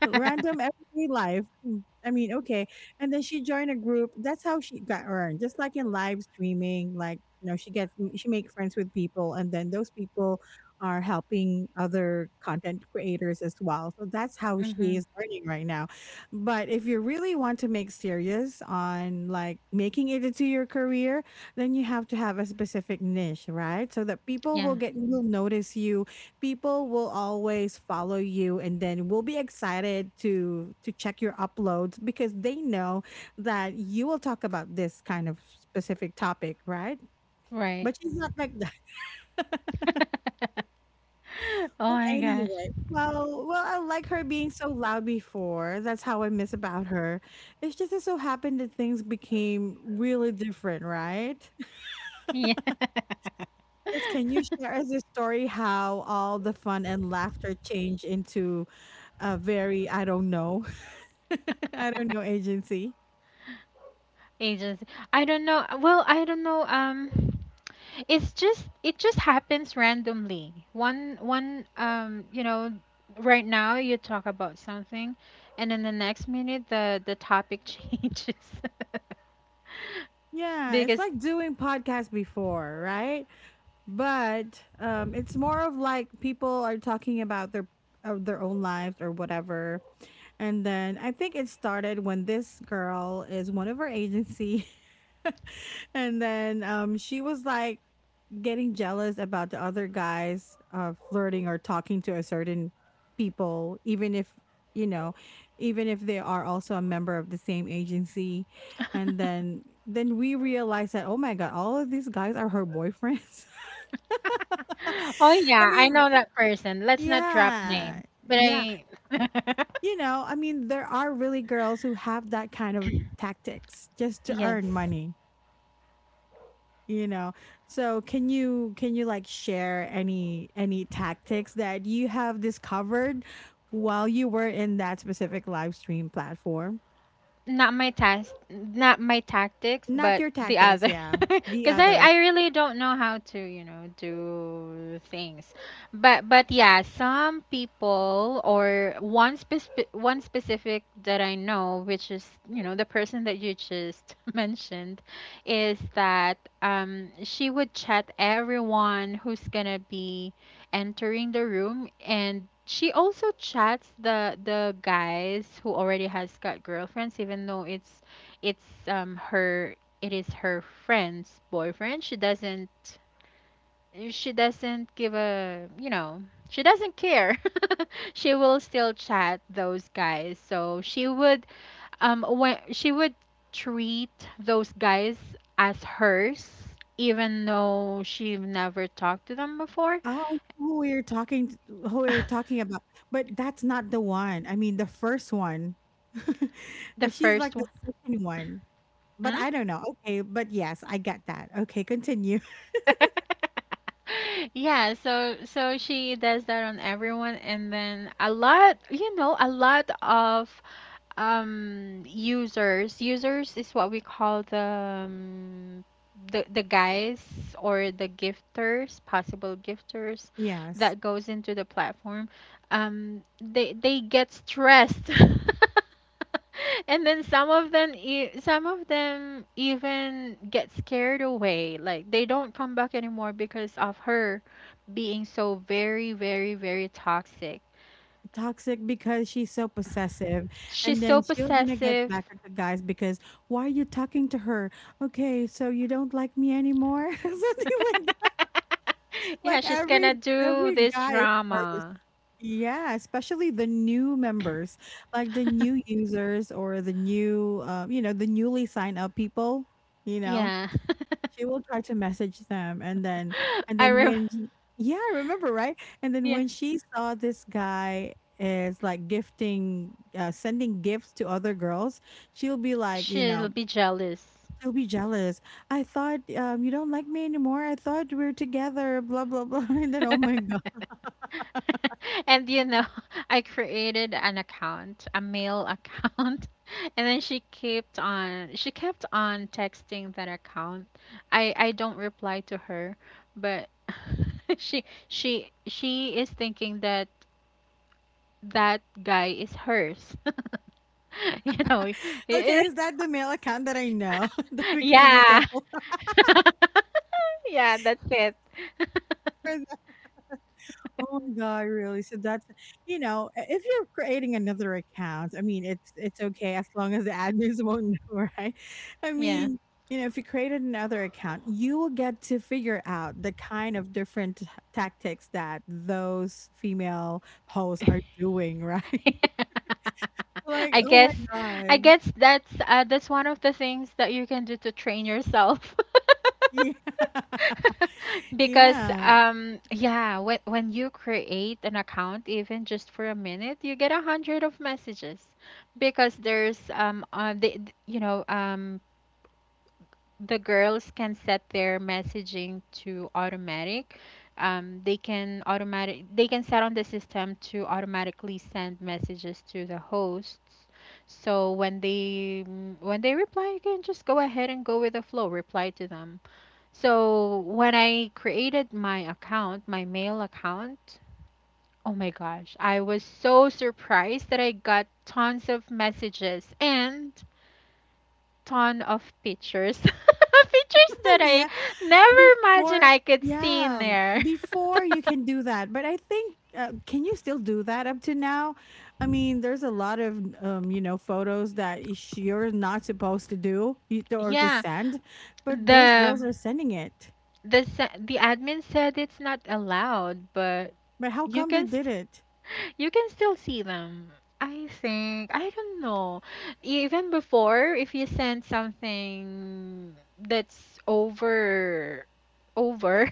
A: random everyday life. Hmm, I mean, okay. And then she joined a group. That's how she got earned. Just like in live streaming, like, you know, she make friends with people and then those people are helping other content creators as well. So that's how she
B: Mhm.
A: is earning right now. But if you really want to make serious on like making it into your career, then you have to have a specific niche, right? So that people will
B: Yeah,
A: get will notice you, people will always follow you and then will be excited to check your uploads because they know that you will talk about this kind of specific topic, right?
B: right.
A: But she's not like that.
B: Oh
A: well
B: my gosh.
A: anyway well well I like her being so loud before. That's how I miss about her. It's just it so happened that things became really different, right?
B: Yeah.
A: Yes, can you share us a story how all the fun and laughter changed into a very, I don't know. I don't know, agency.
B: Agency. I don't know. Well, I don't know. It just happens randomly. One one you know Right now you talk about something, and then the next minute the topic changes.
A: Yeah, it's
B: Because
A: like doing podcasts before, right? But it's more of like people are talking about their own lives or whatever. And then I think it started when this girl is one of her agency. And then she was like getting jealous about the other guys flirting or talking to a certain people, even if, you know, even if they are also a member of the same agency, and then we realize that oh my god, all of these guys are her boyfriends.
B: oh
A: I
B: yeah, I
A: mean,
B: know that person. Let's not drop
A: yeah,
B: names, but
A: yeah,
B: I
A: you know, I mean, there are really girls who have that kind of tactics just to
B: yes,
A: earn money, you know. So can you like share any tactics that you have discovered while you were in that specific live stream platform?
B: not my tactics,
A: Not
B: but
A: your
B: the
A: tactics,
B: other.
A: yeah, the
B: Because I,
A: others.
B: I really don't know how to do things, but yeah, some people, or one specific that I know, which is the person that you just mentioned, is that she would chat everyone who's gonna be entering the room. And she also chats the guys who already has got girlfriends, even though it's her it is her friend's boyfriend. She doesn't give a, you know, she doesn't care. She will still chat those guys. So she would when she would treat those guys as hers, even though she never talked to them before.
A: Oh, I know who we're talking who we're talking about, but that's not the one, I mean the first one.
B: The
A: And she's
B: first.
A: like the second one, but
B: Hmm?
A: I don't know. Okay, but yes, I get that. Okay, continue.
B: Yeah, so she does that on everyone. And then a lot of users is what we call the guys, or the gifters possible gifters
A: Yes,
B: that goes into the platform. They get stressed. And then some of them even get scared away. Like, they don't come back anymore because of her being so very, very, very toxic.
A: toxic because she's so possessive.
B: She's
A: And
B: so
A: then she'll gonna get
B: possessive.
A: back at the guys because why are you talking to her? Okay, so you don't like me anymore. Something like that. Like
B: Yeah, she's
A: every
B: gonna do
A: every
B: this
A: guy is first,
B: drama.
A: yeah, especially the new members, like the new users or the new you know, the newly sign up people, you know.
B: Yeah.
A: She will try to message them and then, and
B: I
A: then
B: rem
A: when yeah, I remember, right? And then
B: Yeah,
A: when she saw this guy is like gifting, sending gifts to other girls, she'll be like, you
B: she'll
A: know,
B: be jealous.
A: she'll be jealous. I thought you don't like me anymore. I thought we are together, blah blah blah. And then oh my god.
B: And you know, I created an account, a mail account, and then she kept on texting that account. I don't reply to her, but she is thinking that that guy is hers. You know, y- y-
A: Okay, is that the male account that I know that became a
B: yeah.
A: couple?
B: Yeah, that's it.
A: Oh my god, really? So that's, you know, if you're creating another account, I mean, it's okay as long as the admins won't know, right? I
B: Yeah.
A: mean, you know, if you created another account, you will get to figure out the kind of different tactics that those female hosts are doing, right? Like,
B: I
A: oh my
B: guess I
A: god,
B: guess that's one of the things that you can do to train yourself.
A: yeah,
B: Because
A: yeah,
B: yeah, when you create an account even just for a minute, you get a hundred of messages because there's they, you know the girls can set their messaging to automatic. They can automatic they can set on the system to automatically send messages to the hosts. So when when they reply, you can just go ahead and go with the flow, reply to them. So when I created my account, my mail account, oh my gosh, I was so surprised that I got tons of messages and ton of pictures. Pictures that I
A: yeah.
B: never imagined
A: Before,
B: I could see in
A: yeah,
B: there.
A: before you can do that. But I think, can you still do that up to now? I mean, there's a lot of you know, photos that you're not supposed to do or to
B: Yeah,
A: send, but those
B: the
A: girls are sending it.
B: the admin said it's not allowed, but
A: But how
B: you
A: come they
B: can
A: did
B: st-
A: it?
B: you can still see them. I think I don't know. Even before, if you send something that's over,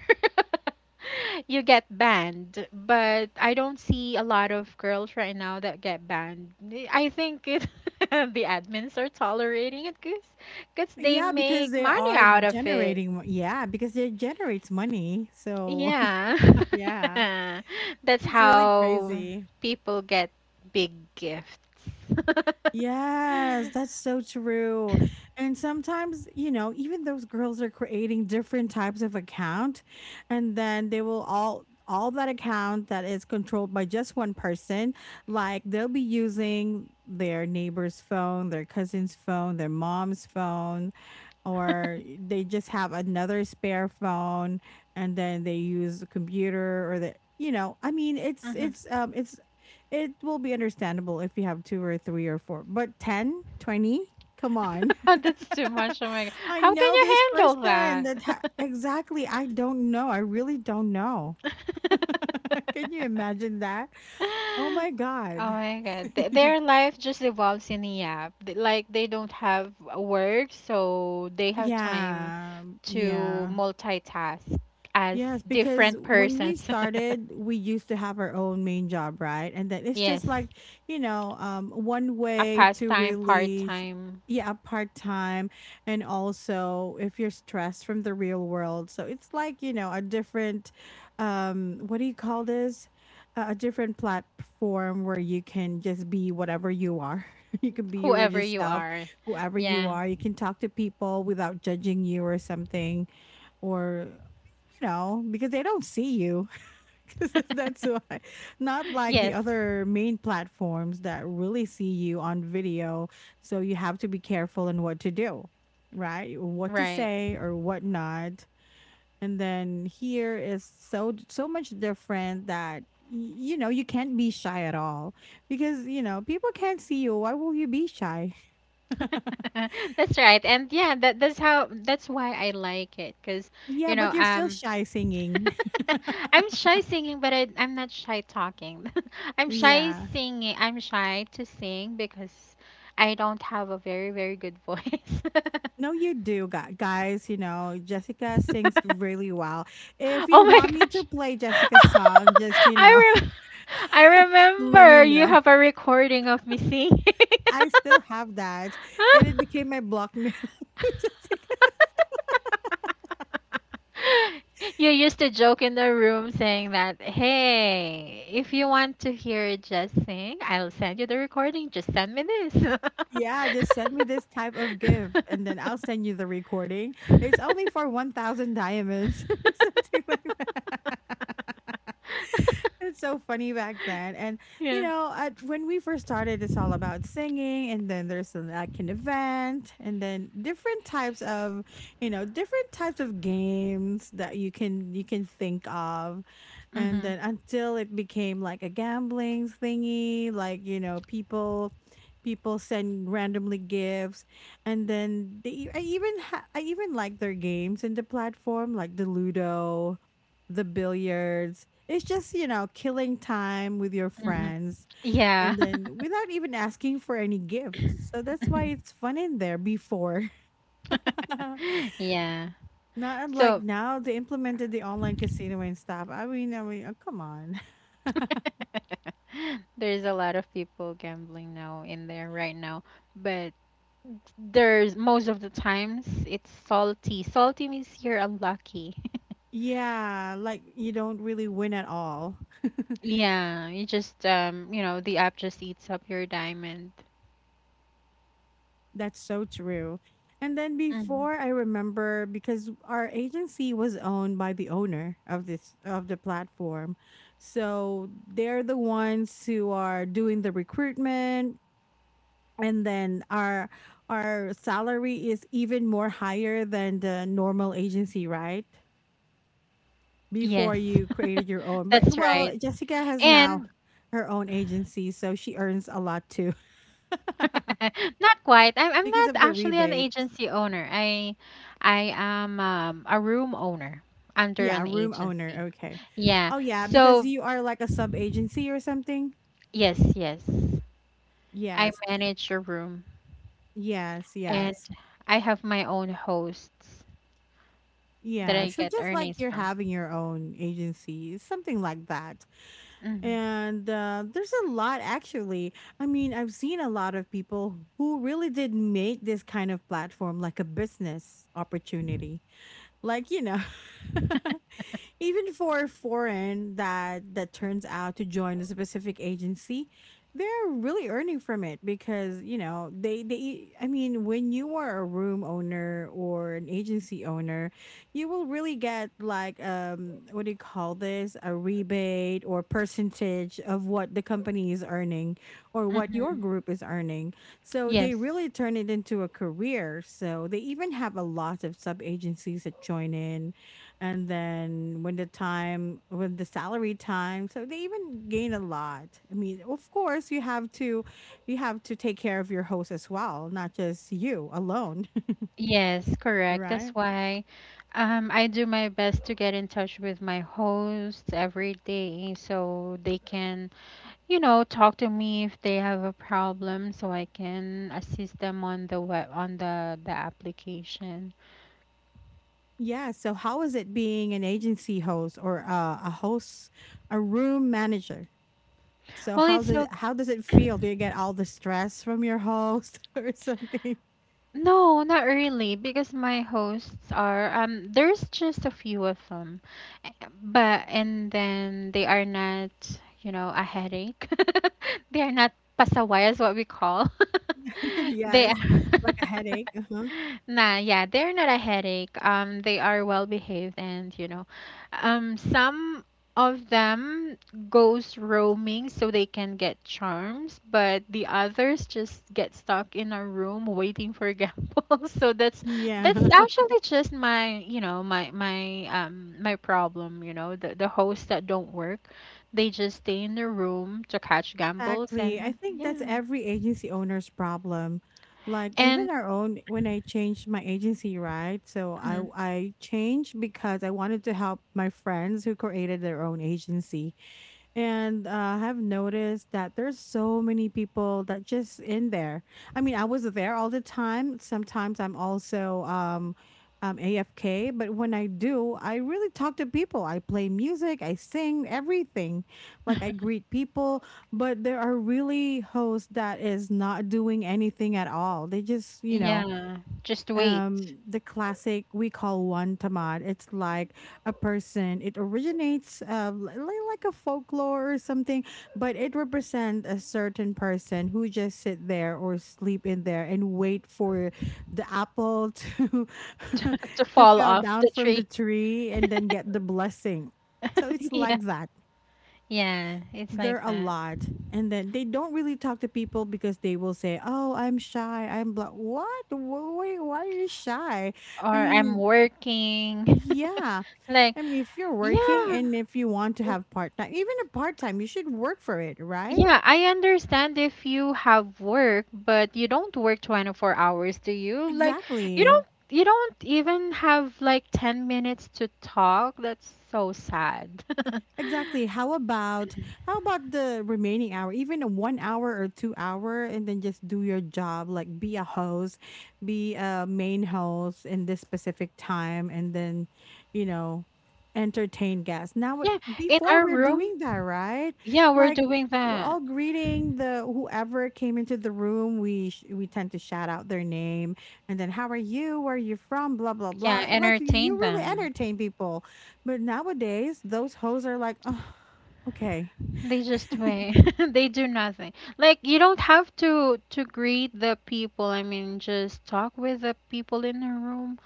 B: you get banned. But I don't see a lot of girls right now that get banned. I think it, the admins are tolerating it because they
A: Yeah, because
B: make
A: they
B: money
A: are
B: out of it.
A: generating. Yeah, because it generates money. So
B: Yeah.
A: yeah,
B: That's
A: it's really
B: how
A: crazy.
B: people get big gifts.
A: Yes, that's so true. And sometimes, you know, even those girls are creating different types of account and then they will all that account that is controlled by just one person, like they'll be using their neighbor's phone, their cousin's phone, their mom's phone, or they just have another spare phone and then they use the computer or the, you know, I mean, it's
B: Mhm.
A: it's it's, it will be understandable if you have two or three or four, but 10, 20, come on.
B: That's too much. Oh my God.
A: I
B: How can
A: know
B: you
A: this
B: handle
A: person that exactly, I don't know, I really don't know.
B: that?
A: Can you imagine that? Oh my
B: Oh
A: god.
B: my God. Their life just evolves in a yap. Like they don't have work, so they have time
A: Yeah,
B: to
A: yeah.
B: multitask as
A: Yes, because
B: different
A: when we
B: persons.
A: started, we used to have our own main job, right? And then it's
B: Yes,
A: just like, you know, one
B: a
A: way to
B: pastime,
A: release,
B: part-time,
A: yeah, part time. And also, if you're stressed from the real world. So it's like, you know, a different, what do you call this? A different platform where you can just be whatever you are. You can be your
B: whoever
A: just
B: you
A: self,
B: are.
A: whoever you
B: Yeah.
A: are. You can talk to people without judging you or something, or, you know, because they don't see you. 'Cause that's why, not like the
B: Yes,
A: other main platforms that really see you on video, so you have to be careful in what to do, right, what to
B: right.
A: say or what not. And then here is so much different that, you know, you can't be shy at all, because you know people can't see you, why will you be shy?
B: That's right. And yeah, that's why I like it. Cause
A: Yeah,
B: you know,
A: but you're still
B: um
A: shy singing.
B: I'm shy singing, but I'm not shy talking. I'm shy
A: Yeah.
B: singing. I'm shy to sing because I don't have a very, very good voice.
A: No, you do, guys. You know, Jessica sings really well. If you
B: Oh my
A: want me to
B: gosh.
A: play Jessica's song, just, you know,
B: I, rem I
A: let me
B: remember you
A: know.
B: have a recording of me singing.
A: I still have that. And it became my block mail. Jessica.
B: You used to joke in the room saying that, hey, if you want to hear Just Sing, I'll send you the recording. Just send me this.
A: Yeah, just send me this type of gift and then I'll send you the recording. It's only for 1,000 diamonds or something like that. It's so funny back then. And, you
B: Yeah.
A: know, when we first started, it's all about singing. And then there's like an event and then different types of, you know, different types of games that you can think of. And
B: Mm-hmm.
A: then until it became like a gambling thingy, like, you know, people, people send randomly gifts. And then they, I even like their games in the platform, like the Ludo, the billiards. It's just, you know, killing time with your
B: Mm-hmm.
A: friends
B: Yeah.
A: and then without even asking for any gifts. So that's why it's fun in there before.
B: Yeah.
A: Not unlike
B: So,
A: now, they implemented the online casino and stuff. I mean, oh, come on.
B: there's a lot of people gambling now in there right now, but there's most of the times it's salty. Salty means you're unlucky.
A: Yeah, like you don't really win at all.
B: Yeah, you just you know, the app just eats up your diamond.
A: That's so true. And then
B: Hmm.
A: before I remember because our agency was owned by the owner of this of the platform. So they're the ones who are doing the recruitment, and then our salary is even more higher than the normal agency, right?
B: Yes.
A: Before you created your own. But
B: That's right.
A: well, Jessica has now
B: And
A: her own agency, so she earns a lot too
B: not quite. I'm
A: because
B: not
A: of the
B: actually an
A: rebate.
B: agency owner. I am a room owner under
A: Yeah,
B: an
A: room
B: agency.
A: owner. Okay.
B: Yeah.
A: Oh yeah, because
B: So
A: you are like a sub agency or something.
B: yes, yes. I
A: Yes.
B: manage a room
A: Yes,
B: and
A: yes.
B: I have my own hosts that
A: Yeah.
B: I
A: So
B: get
A: just like
B: earnings
A: you're
B: from.
A: having your own agency, something like that.
B: Hmm.
A: And there's a lot actually. I mean, I've seen a lot of people who really did make this kind of platform like a business opportunity. Like, you know. Even for foreign that turns out to join a specific agency, they're really earning from it because, you know, they I mean, when you are a room owner or an agency owner, you will really get like what do you call this? A rebate or percentage of what the company is earning or what your
B: Hmm.
A: group is earning. So they
B: Yes.
A: really turn it into a career. So they even have a lot of sub agencies that join in, and then when the salary time, so they even gain a lot. I mean, of course, you have to, you have to take care of your host as well, not just you alone.
B: Yes, correct.
A: Right.
B: That's why I do my best to get in touch with my hosts every day so they can, you know, talk to me if they have a problem so I can assist them on the web on the application.
A: Yeah, so how is it being an agency host, or a host, a room manager? So
B: Well,
A: how's
B: it's
A: it, how does it
B: okay.
A: feel? Do you get all the stress from your host or something?
B: No, not really, because my hosts are there's just a few of them. eh, But and then they are not, you know, a headache. They are not pasaway is what we call. They
A: Yes,
B: are
A: like a headache, uh-huh.
B: nah, yeah, they're not a headache. They are well behaved and you know, some of them goes roaming so they can get charms, but the others just get stuck in a room waiting for Gamble. So that's
A: Yeah.
B: actually just my, you know, my problem, you know, the hosts that don't work, they just stay in the room to catch Gambles
A: Exactly. I think that's every agency owner's problem. Like even
B: and
A: our own when I changed my agency, right? So I
B: mm,
A: I changed because I wanted to help my friends who created their own agency. And I have noticed that there's so many people that just in there. I mean, I was there all the time. Sometimes I'm also AFK, but when I do, I really talk to people. I play music, I sing, everything. Like I greet people, but there are really hosts that is not doing anything at all. They just, you know,
B: yeah, just wait
A: the classic we call one tamad. It's like a person. It originates like a folklore or something, but it represents a certain person who just sit there or sleep in there and wait for the apple to
B: to, to
A: to
B: fall
A: fall
B: off
A: down
B: the
A: from the
B: tree.
A: tree and then get the blessing. So it's
B: Yeah.
A: like that.
B: Yeah, it's
A: They're
B: like
A: a
B: that.
A: lot, and then they don't really talk to people because they will say, oh, I'm shy, I'm blah, what, why are you shy?
B: Or
A: I
B: I'm
A: mean,
B: working.
A: yeah.
B: Like,
A: I mean, if you're working
B: yeah,
A: and if you want to
B: w-
A: have part-time, even a part-time, you should work for it, right?
B: yeah, I understand if you have work, but you don't work 24 hours, do you? Like, you don't
A: Exactly.
B: you don't even have like 10 minutes to talk. That's so sad.
A: Exactly. How about the remaining hour, even a 1 hour or 2 hour, and then just do your job, like be a host, be a main host in this specific time, and then, you know, entertain guests. Now,
B: Yeah, in
A: before
B: our
A: we're
B: room,
A: doing that, right?
B: yeah, we're
A: Like,
B: doing
A: we're
B: that.
A: all greeting the whoever came into the room. We tend to shout out their name, and then, how are you? Where are you from? Blah blah
B: Yeah,
A: blah. Like,
B: entertain
A: you really
B: them.
A: entertain people, but nowadays, those hoes are like, oh, okay.
B: They just wait. They do nothing. Like you don't have to greet the people. I mean, just talk with the people in the room.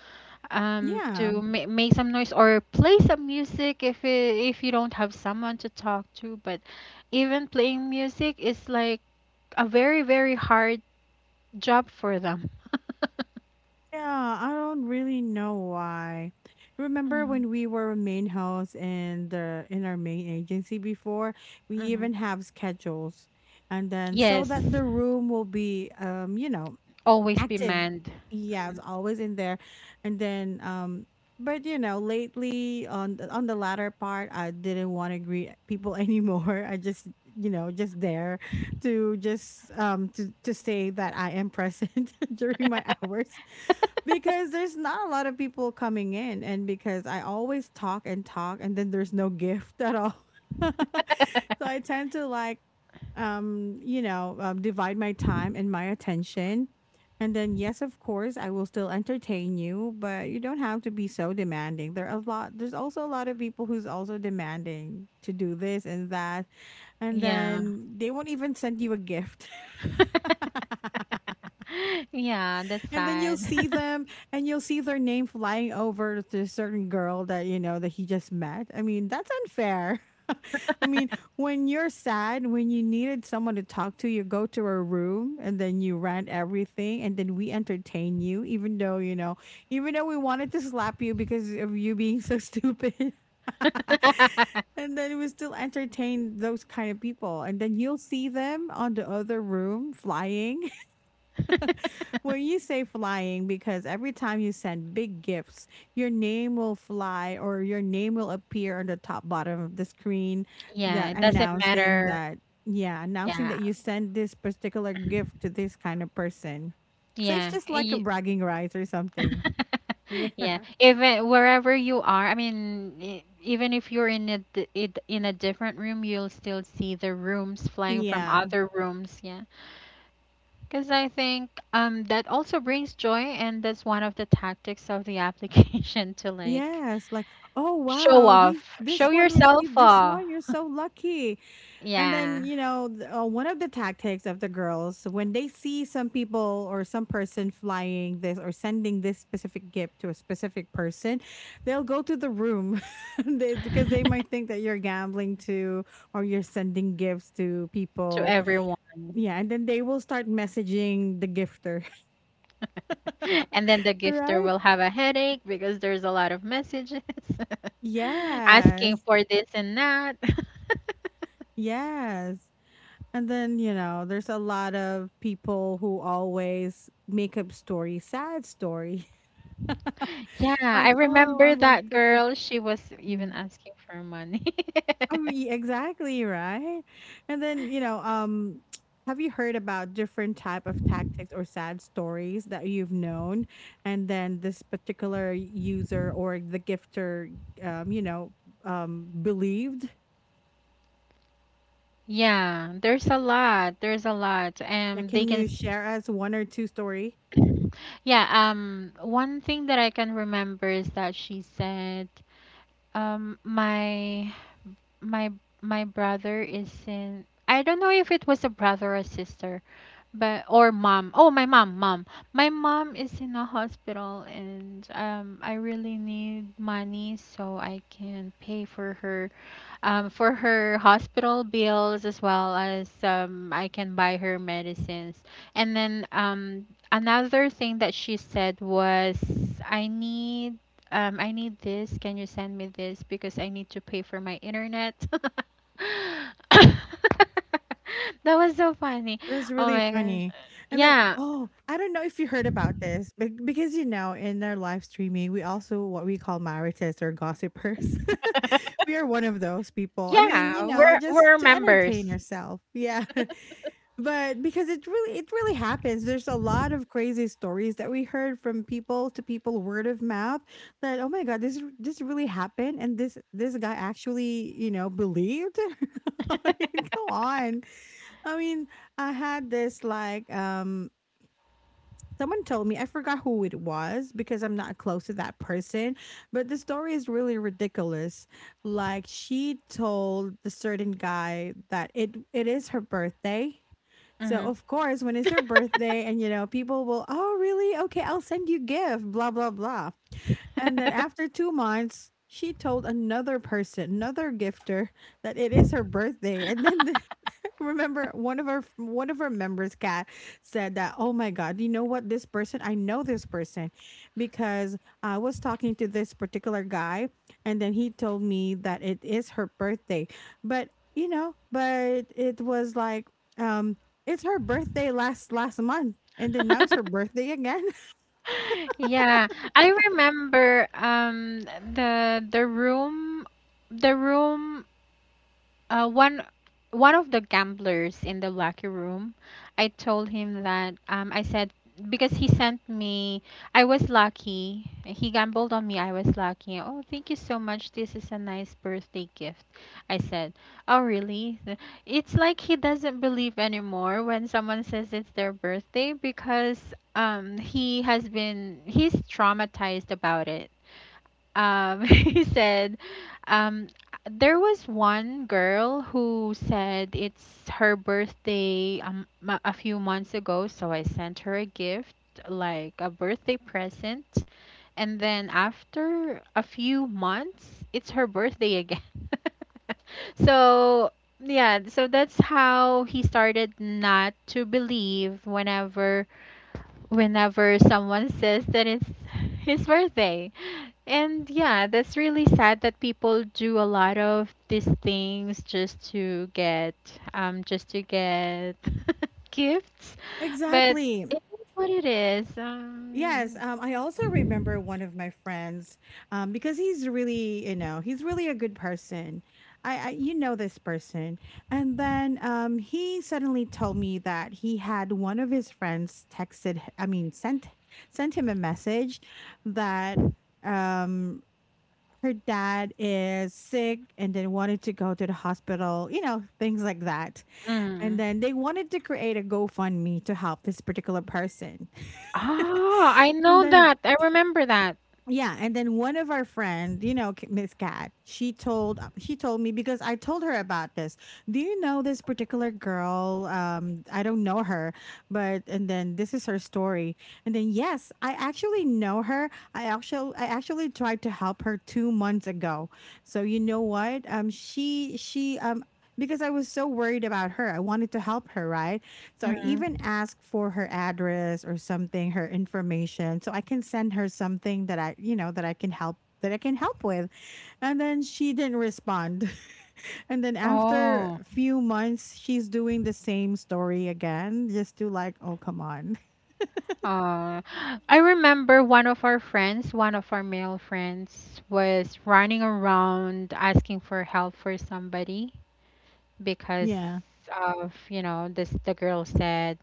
A: Yeah.
B: To make some noise or play some music if you don't have someone to talk to but even playing music is like a very very hard job for them.
A: Yeah. I don't really know why. Remember
B: Hmm.
A: when we were main hoes in the in our main agency before? We
B: Hmm.
A: even have schedules. And then, so
B: Yes,
A: that the room will be
B: always be
A: active.
B: manned.
A: Yeah, it's
B: Mhm.
A: always in there. And then, but you know, lately on the latter part, I didn't want to greet people anymore. I just, just there to just to say that I am present during my hours, because there's not a lot of people coming in, and because I always talk and talk, and then there's no gift at all. So I tend to like, divide my time and my attention. And then, yes, of course, I will still entertain you, but you don't have to be so demanding. There are a lot. There's also a lot of people who's also demanding to do this and that, and
B: Yeah.
A: then they won't even send you a gift.
B: Yeah, that's
A: And then you'll
B: sad.
A: see them, and you'll see their name flying over to a certain girl that you know that he just met. I mean, that's unfair. I mean, when you're sad, when you needed someone to talk to, you go to a room and then you rant everything, and then we entertain you, even though, you know, even though we wanted to slap you because of you being so stupid. And then we still entertain those kind of people, and then you'll see them on the other room flying. When you say flying, because every time you send big gifts, your name will fly, or your name will appear on the top bottom of the screen,
B: Yeah,
A: that
B: it doesn't
A: announcing
B: matter.
A: that, yeah, announcing
B: yeah
A: that you send this particular gift to this kind of person. So it's
B: yeah
A: just like a
B: y-
A: bragging rights or something. Yeah.
B: Yeah, even wherever you are, I mean, even if you're in a different room, you'll still see the rooms flying from
A: Yeah.
B: other rooms. Yeah, because I think that also brings joy, and that's one of the tactics of the application to like
A: Yes. Like, oh
B: show
A: wow, he's
B: off,
A: this
B: show
A: one
B: yourself
A: received this
B: off.
A: one. You're so lucky. And then,
B: Yeah,
A: you know, one of the tactics of the girls, when they see some people or some person flying this or sending this specific gift to a specific person, they'll go to the room, because they might think that you're gambling too, or you're sending gifts to
B: to
A: people.
B: everyone.
A: Yeah. And then they will start messaging the gifter,
B: And then the gifter
A: right?
B: will have a headache because there's a lot of messages asking
A: Yes.
B: for this and that.
A: Yes. And then, you know, there's a lot of people who always make up stories, sad stories.
B: Yeah, I
A: Like, "Oh,
B: remember
A: I'm like
B: that
A: this."
B: girl. She was even
A: Mm.
B: asking for money.
A: Oh, ye exactly, right? And then, you know, have you heard about different type of tactics or sad stories that you've known, and then this particular user or the gifter, um, you know, believed?
B: Yeah, there's a lot. There's a lot.
A: Yeah,
B: They
A: can you
B: can.
A: share us 1 or 2 story?
B: s- Yeah, one thing that I can remember is that she said, um, my my my brother is in. I don't know if it was a brother or a sister but or mom. Oh, my mom, mom. My mom is in a hospital and I really need money so I can pay for her hospital bills as well as I can buy her medicines. And then another thing that she said was I need I need this. Can you send me this? Because I need to pay for my internet. That was so funny.
A: That's
B: Oh
A: really
B: my gosh.
A: funny. And then,
B: Yeah.
A: oh, I don't know if you heard about this, but because you know, in our live streaming, we also what we call marites or gossipers. We are one of those people. I mean, you
B: Yeah,
A: know, just
B: we're
A: to entertain
B: members.
A: yourself. Yeah. But because it really happens. There's a lot of crazy stories that we heard from people to people, word of mouth, that, oh my God, this really happened, and this guy actually, you know, believed. I mean, go on. I mean, I had this like, someone told me, I forgot who it was because I'm not close to that person, but the story is really ridiculous. Like, she told the certain guy that it is her birthday. So
B: Hmm.
A: of course, when it's her birthday and you know, people will, "Oh, really? Okay, I'll send you gift, blah blah blah." And then after 2 months, she told another person, another gifter, that it is her birthday. And then remember, one of our members Cat said that, oh my God, you know what, this person, I know this person, because I was talking to this particular guy, and then he told me that it is her birthday. But you know, but it was like, um it's her birthday last month, and then now it's her birthday again.
B: Yeah, I remember the the room the room one one of the gamblers in the locker room, I told him that I said because he sent me, I was lucky. He gambled on me. I was lucky. Oh, thank you so much. This is a nice birthday gift. I said, oh, really? It's like he doesn't believe anymore when someone says it's their birthday because he has been he's traumatized about it. He said um there was one girl who said it's her birthday a few months ago so I sent her a gift like a birthday present, and then after a few months it's her birthday again. So yeah, so that's how he started not to believe whenever someone says that it's his birthday. And yeah, that's really sad that people do a lot of these things just to get gifts, but
A: Exactly.
B: it is what it is.
A: Yes, I also remember one of my friends, because he's really, you know, he's really a good person. I you know this person. And then he suddenly told me that he had one of his friends texted, I mean, sent him a message that um her dad is sick and then wanted to go to the hospital, you know, things like that. And
B: Mm.
A: then they wanted to create a GoFundMe to help this particular person.
B: Ah, I
A: And
B: know
A: then,
B: that. I remember that.
A: yeah, and then one of our friend, you know, Miss Cat, she told me because I told her about this. Do you know this particular girl? I don't know her, but and then this is her story. And then yes, I actually know her. I actually tried to help her 2 months ago. So you know what? She because I was so worried about her, I wanted to help her, right? So I
B: Mm.
A: even ask for her address or something, her information, so I can send her something that I, you know, that I can help with. And then she didn't respond. And then after
B: Oh.
A: a few months, she's doing the same story again, just to like, oh come on.
B: Uh, I remember one of our friends, one of our male friends was running around asking for help for somebody because
A: Yeah.
B: of you know this the girl said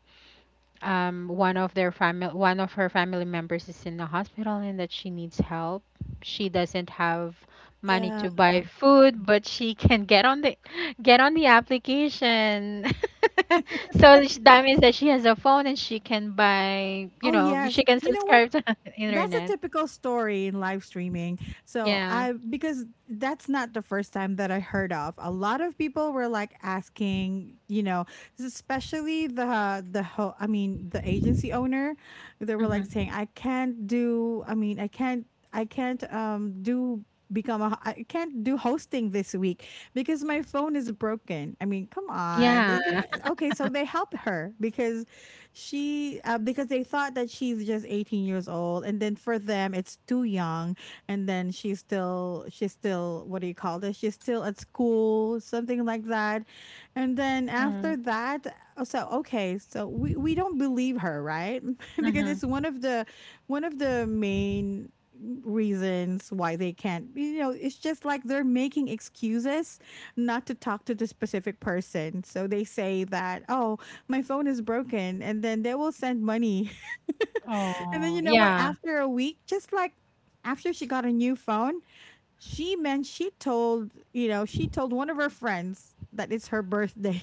B: one of their family one of her family members is in the hospital and that she needs help. She doesn't have money
A: Yeah.
B: to buy food but she can get on the application. So that means that she has a phone and she can buy you
A: Oh
B: know
A: yes.
B: she can
A: You know what?
B: subscribe to
A: That's a
B: internet.
A: typical story in live streaming. So,
B: Yeah.
A: I because that's not the first time that I heard of. A lot of people were like asking, you know, especially I mean the agency owner, they were like
B: Hmm.
A: saying, "I can't do. I mean, I can't. I can't do." I can't do hosting this week because my phone is broken. I mean, come on.
B: Yeah.
A: Okay, so they helped her because she because they thought that she's just 18 years old, and then for them it's too young, and then she's still what do you call this, she's still at school, something like that. And then after that, so okay, so we don't believe her, right? Because
B: Mm-hmm.
A: it's one of the main reasons why they can't, you know, it's just like they're making excuses not to talk to the specific person, so they say that, oh, my phone is broken, and then they will send money. And then
B: Oh
A: you know what,
B: yeah.
A: after a week, just like after she got a new phone, she told, you know, she told one of her friends that it's her birthday.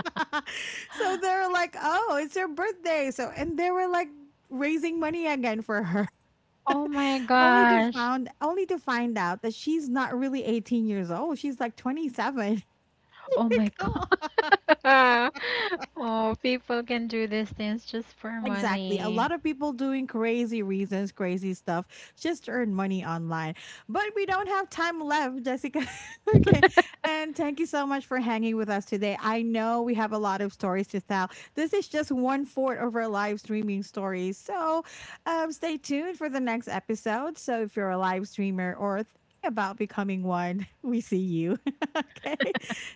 A: So they're like, oh, it's her birthday, so, and they were like raising money again for her.
B: Oh my gosh.
A: Only to find out that she's not really 18 years old, she's like 27.
B: Oh my God. Oh, people can do these things just for
A: Exactly. A
B: money.
A: lot of people doing crazy reasons, crazy stuff just to earn money online. But we don't have time left, Jessica. Okay. And thank you so much for hanging with us today. I know we have a lot of stories to tell. This is just one fourth of our live streaming stories. So, stay tuned for the next episode. So if you're a live streamer or thinking about becoming one, we see you. Okay.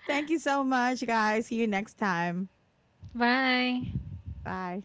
A: Thank you so much, guys. See you next time.
B: Bye.
A: Bye.